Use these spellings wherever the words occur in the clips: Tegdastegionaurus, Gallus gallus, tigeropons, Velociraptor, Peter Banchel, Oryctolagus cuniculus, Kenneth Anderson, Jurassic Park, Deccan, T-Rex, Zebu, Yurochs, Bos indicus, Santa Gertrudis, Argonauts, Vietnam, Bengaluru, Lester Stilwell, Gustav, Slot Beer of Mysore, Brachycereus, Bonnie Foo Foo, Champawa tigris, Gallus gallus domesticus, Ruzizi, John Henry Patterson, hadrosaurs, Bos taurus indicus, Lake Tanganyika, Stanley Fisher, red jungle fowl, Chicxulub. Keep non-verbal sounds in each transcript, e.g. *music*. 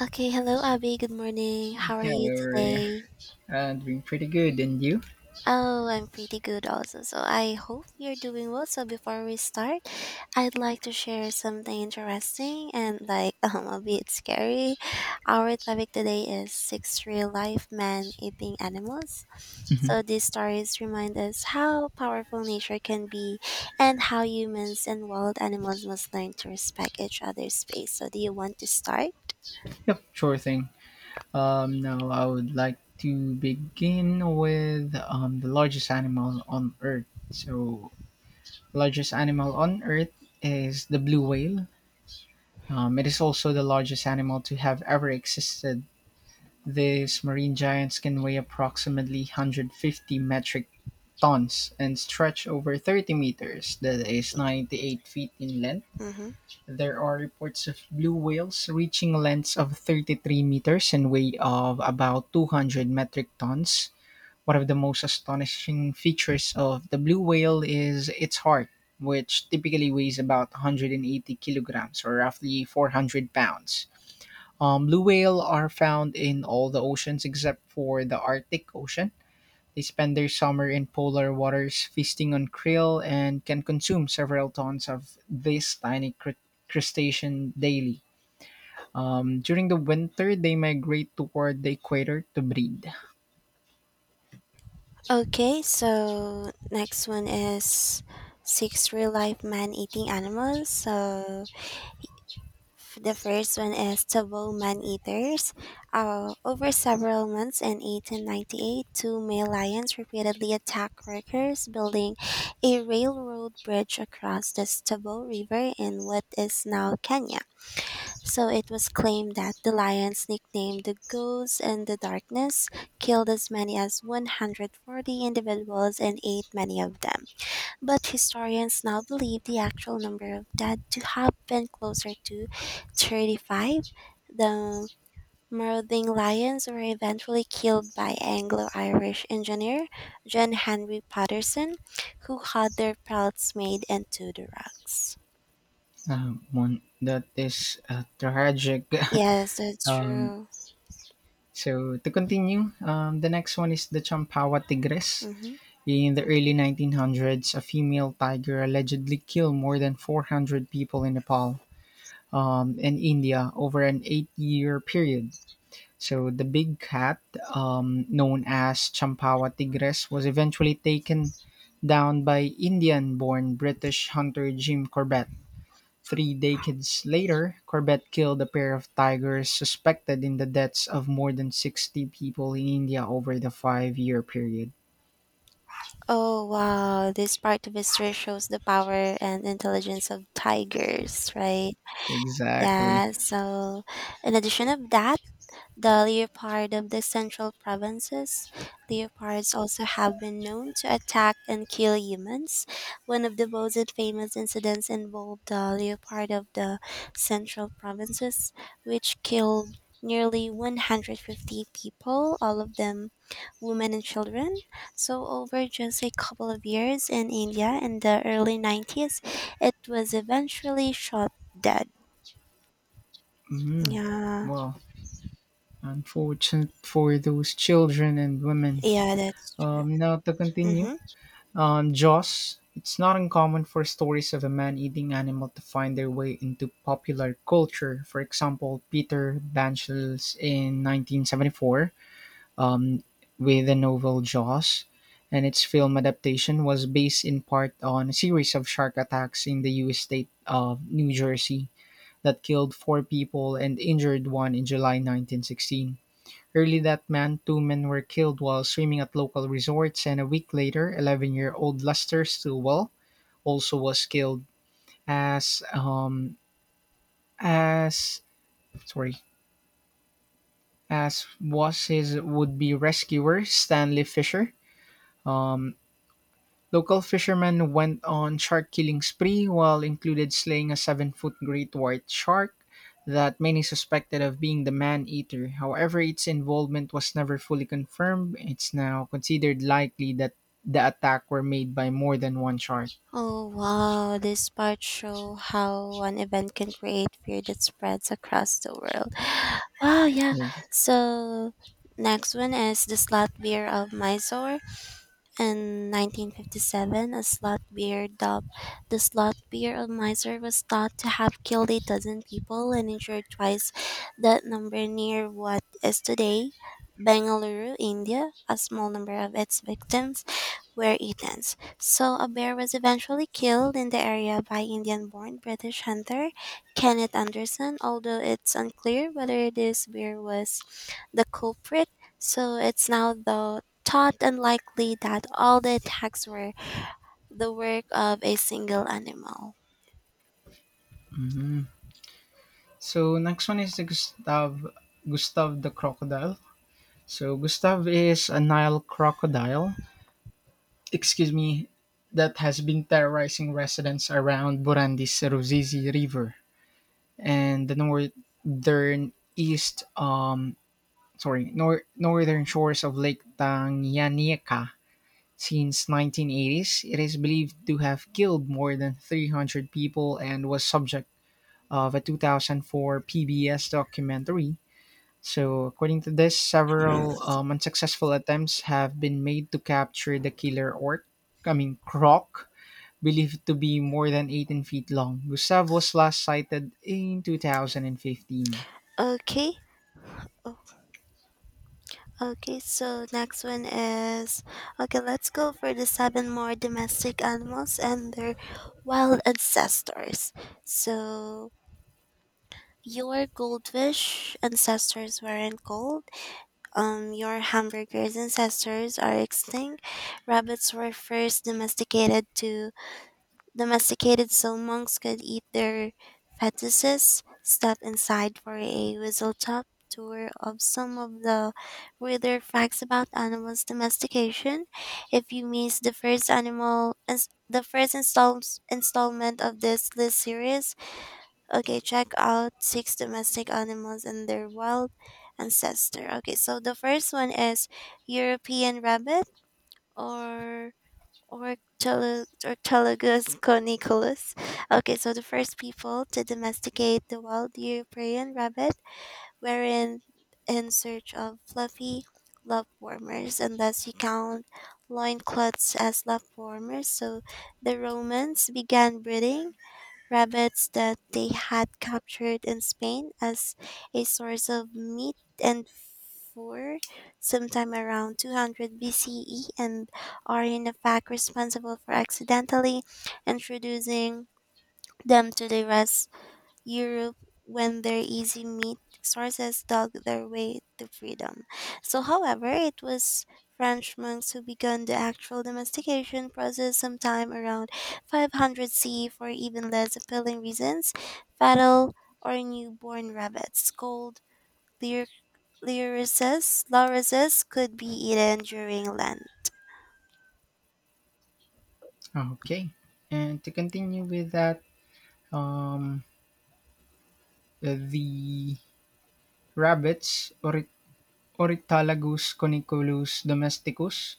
Okay, hello Abby. Good morning. How are Yeah, we you were today? Doing pretty good. And you? Oh, I'm pretty good also. So I hope you're doing well. So before we start, I'd like to share something interesting and *laughs* a bit scary. Our topic today is six real life man eating animals. Mhm. So these stories remind us how powerful nature can be and how humans and wild animals must learn to respect each other's space. So do you want to start? Sure thing. Now I would like to begin with the largest animal on Earth. So, largest animal on Earth is the blue whale. It is also the largest animal to have ever existed. These marine giants can weigh approximately 150 metric tons and stretch over 30 meters, that is 98 feet in length. Mm-hmm. There are reports of blue whales reaching lengths of 33 meters and weight of about 200 metric tons. One of the most astonishing features of the blue whale is its heart, which typically weighs about 180 kilograms or roughly 400 pounds. Blue whale are found in all the oceans except for the Arctic Ocean. They spend their summer in polar waters feasting on krill and can consume several tons of this crustacean daily. During the winter, they migrate toward the equator to breed. Okay, so next one is six real life man eating animals. The first one is taboo man eaters. Over several months in 1898, two male lions repeatedly attacked workers building a railroad bridge across the Tabor River in what is now Kenya. So it was claimed that the lions, nicknamed the Ghosts in the Darkness, killed as many as 140 individuals and ate many of them. But historians now believe the actual number of dead to have been closer to 35. The marauding lions were eventually killed by Anglo Irish engineer John Henry Patterson, who had their pelts made into the rugs. One, that is tragic. Yes, *laughs* that's um, true. To continue, the next one is the Champawa tigris. Hmm. In the early 1900s, a female tiger allegedly killed more than 400 people in Nepal and India over an 8 year period. So the big cat, known as Champawa tigres, was eventually taken down by Indian-born British hunter Jim Corbett. Three decades later, Corbett killed a pair of tigers suspected in the deaths of more than 60 people in India over the five-year period. Oh wow, this part of history shows the power and intelligence of tigers, right? Exactly. Yeah, so in addition of that, the leopard of the central provinces, leopards also have been known to attack and kill humans. One of the most famous incidents involved the leopard of the central provinces, which killed nearly 150 people, all of them women and children. So, over just a couple of years in India in the early 90s, it was eventually shot dead. Mm. Yeah, Well, unfortunate for those children and women. yeah, that's true. Now to continue. Hmm. On Jaws, it's not uncommon for stories of a man eating animal to find their way into popular culture. For example, Peter Banchel's in 1974 um, with the novel Jaws, and its film adaptation was based in part on a series of shark attacks in the U.S. state of New Jersey that killed four people and injured one in July 1916. Early that month, two men were killed while swimming at local resorts, and a week later, 11-year-old Lester Stilwell also was killed, as um, as sorry, as was his would-be rescuer Stanley Fisher. Um, Local fishermen went on shark-killing spree while included slaying a seven-foot great white shark that many suspected of being the man-eater. However, its involvement was never fully confirmed. It's now considered likely that the attack were made by more than one shark. Oh wow, this part show how one event can create fear that spreads across the world. Wow, yeah. Yeah. So next one is the slot beer of Mysore. In 1957, a slot beer dubbed the Slot Beer of Miser was thought to have killed a dozen people and injured twice that number near what is today Bengaluru, India. A small number of its victims were eaten. So, a bear was eventually killed in the area by Indian born British hunter Kenneth Anderson, although it's unclear whether this bear was the culprit. So, it's now, though, thought unlikely that all the attacks were the work of a single animal. Mhm. So next one is the Gustav the crocodile. So Gustav is a Nile crocodile. Excuse me, that has been terrorizing residents around Burandi's Ruzizi River and the northern east sorry nor- northern shores of Lake Tanganyika since 1980s. It is believed to have killed more than 300 people and was subject of a 2004 PBS documentary. So, according to this, several unsuccessful attempts have been made to capture the killer orc, I mean, croc, believed to be more than 18 feet long. Gustav was last sighted in 2015. Okay. Oh, okay, so next one is okay, let's go for the seven more domestic animals and their wild ancestors. So your goldfish ancestors weren't gold. Your hamburger's ancestors are extinct. Rabbits were first domesticated to Domesticated so monks could eat their fetuses. Step inside for a whistle-stop tour of some of the weirder facts about animals' domestication. If you missed the first animal, the installment of this list series, okay, check out six domestic animals and their wild ancestor. Okay, so the first one is European rabbit or Orctologus coniculus. Okay, so the first people to domesticate the wild European rabbit were in search of fluffy lap warmers, unless you count loincloths as lap warmers. So the Romans began breeding rabbits that they had captured in Spain as a source of meat and IV, sometime around 200 BCE, and are in fact responsible for accidentally introducing them to the rest Europe when their easy meat sources dug their way to freedom. So, however, it was French monks who began the actual domestication process sometime around 500 CE for even less appealing reasons, fatal or newborn rabbits, cold, Lyricist, lorises could be eaten during Lent. Okay. And to continue with that, um, the rabbits, Ori- Oritalagus coniculus domesticus.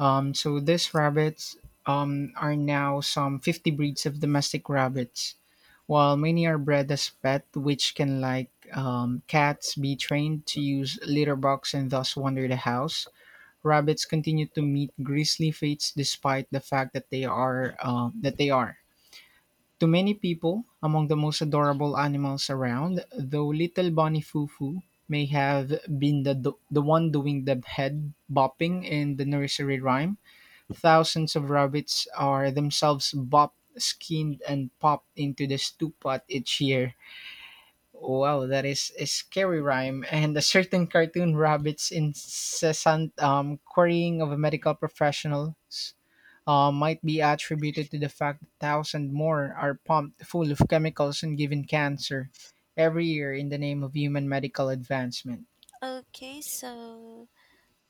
So these rabbits are now some 50 breeds of domestic rabbits, while many are bred as pet, which can, like cats, be trained to use litter box and thus wander the house. Rabbits continue to meet grisly fates despite the fact that they are, to many people, among the most adorable animals around, though little Bonnie Foo Foo may have been the one doing the head bopping in the nursery rhyme, thousands of rabbits are themselves bopped, skinned, and popped into the stew pot each year. Wow, that is a scary rhyme. And a certain cartoon rabbit's incessant querying of medical professionals might be attributed to the fact that thousands more are pumped full of chemicals and given cancer every year in the name of human medical advancement. Okay, so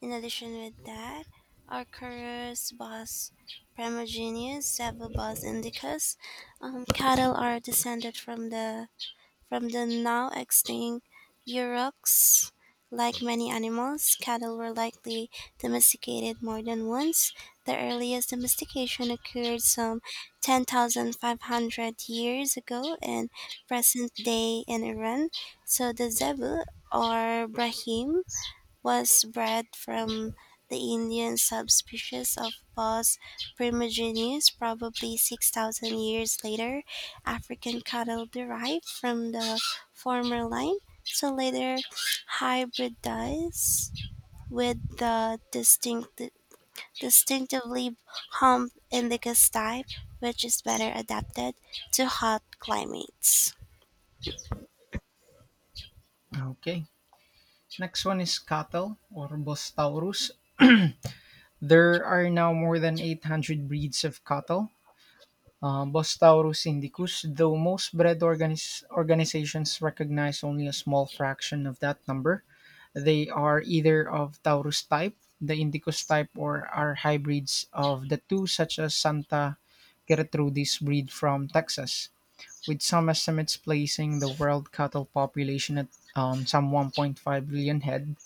in addition with that, Arcturus bos primogenitus, Savobos indicus, cattle are descended from the now extinct Yurochs. Like many animals, cattle were likely domesticated more than once. The earliest domestication occurred some 10,500 years ago in present day in Iran. So the zebu or Brahim was bred from the Indian subspecies of Bos primigenius, probably 6,000 years later. African cattle derived from the former line, so later hybridized with the distinctively hump indica type, which is better adapted to hot climates. Okay, next one is cattle or Bostaurus. *clears throat* There are now more than 800 breeds of cattle. Bostaurus indicus, though most organizations recognize only a small fraction of that number, they are either of Taurus type, the indicus type, or are hybrids of the two, such as Santa Gertrudis breed from Texas, with some estimates placing the world cattle population at some 1.5 billion head.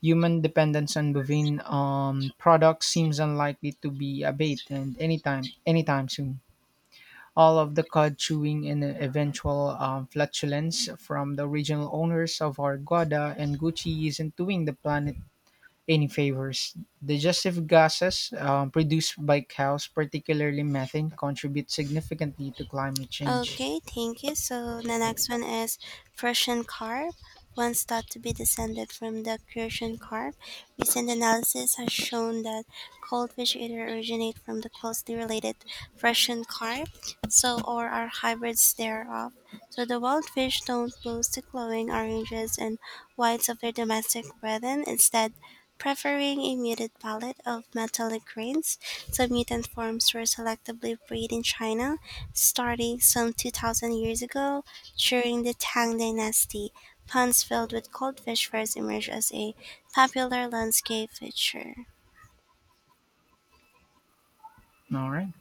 Human dependence on bovine products seems unlikely to be abated and anytime soon. All of the cud chewing and eventual flatulence from the original owners of Argoda and Gucci isn't doing the planet any favors. Digestive gases produced by cows, particularly methane, contribute significantly to climate change. Okay, thank you. So the next one is Prussian carp, once thought to be descended from the Crucian carp. Recent analysis has shown that cold fish either originate from the closely related Prussian carp, so or are hybrids thereof. So the wild fish don't boast the glowing oranges and whites of their domestic brethren, instead preferring a muted palette of metallic grains. Some mutant forms were selectively bred in China starting some 2,000 years ago, during the Tang Dynasty, ponds filled with cold fish first emerged as a popular landscape feature. All right.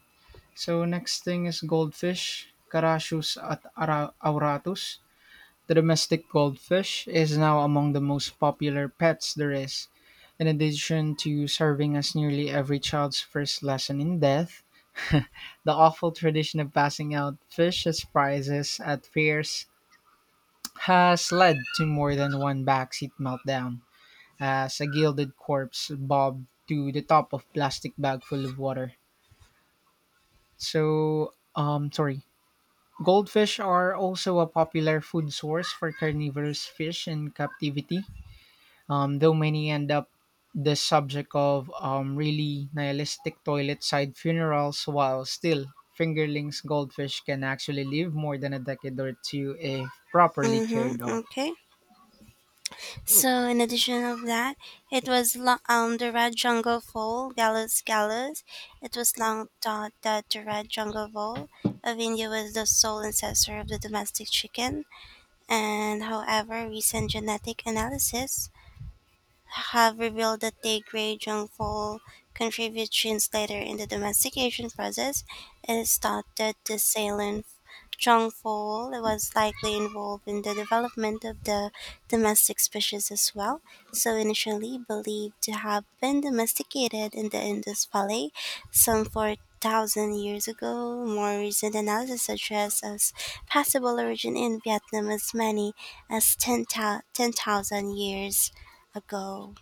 So next thing is goldfish, auratus. The domestic goldfish is now among the most popular pets there is. In addition to serving as nearly every child's first lesson in death, *laughs* the awful tradition of passing out fish as prizes at fairs has led to more than one backseat meltdown as a gilded corpse bobbed to the top of plastic bag full of water. So, sorry. Goldfish are also a popular food source for carnivorous fish in captivity, though many end up the subject of really nihilistic toilet side funerals while still fingerlings goldfish can actually live more than a decade or two if properly Mm-hmm. cared of. Okay. So in addition of that, it was the red jungle vole Gallus gallus. It was long thought that the red jungle vole of India was the sole ancestor of the domestic chicken, and however, recent genetic analysis have revealed that the gray jungle contributes genes later in the domestication process. It is thought that the Salem jungle was likely involved in the development of the domestic species as well, so initially believed to have been domesticated in the Indus Valley some 4,000 years ago. More recent analysis suggests as possible origin in Vietnam as many as 10,000 years ago.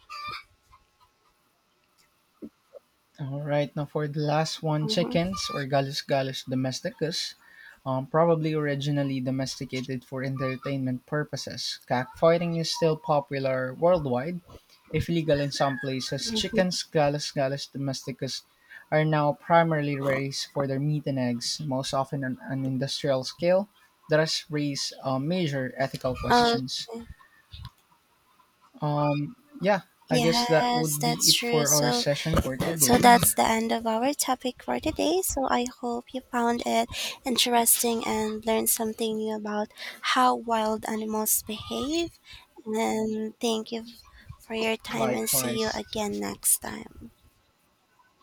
All right, now for the last one, Hmm. chickens or gallus gallus domesticus, probably originally domesticated for entertainment purposes, cockfighting is still popular worldwide if legal in some places, Hmm. chickens (Gallus gallus domesticus) are now primarily raised for their meat and eggs, most often on an industrial scale. Thus raise major ethical Um, questions. Um, yeah, I guess that yes, would be that's it true. for our So, session for so today. that's the end of our topic for today. So I hope you found it interesting and learned something new about how wild animals behave. And thank you for your time and see you Likewise, again next time.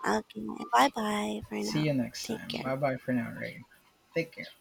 Okay, bye bye for see you now. next Take time. Bye care. bye for now, Ray. Take care.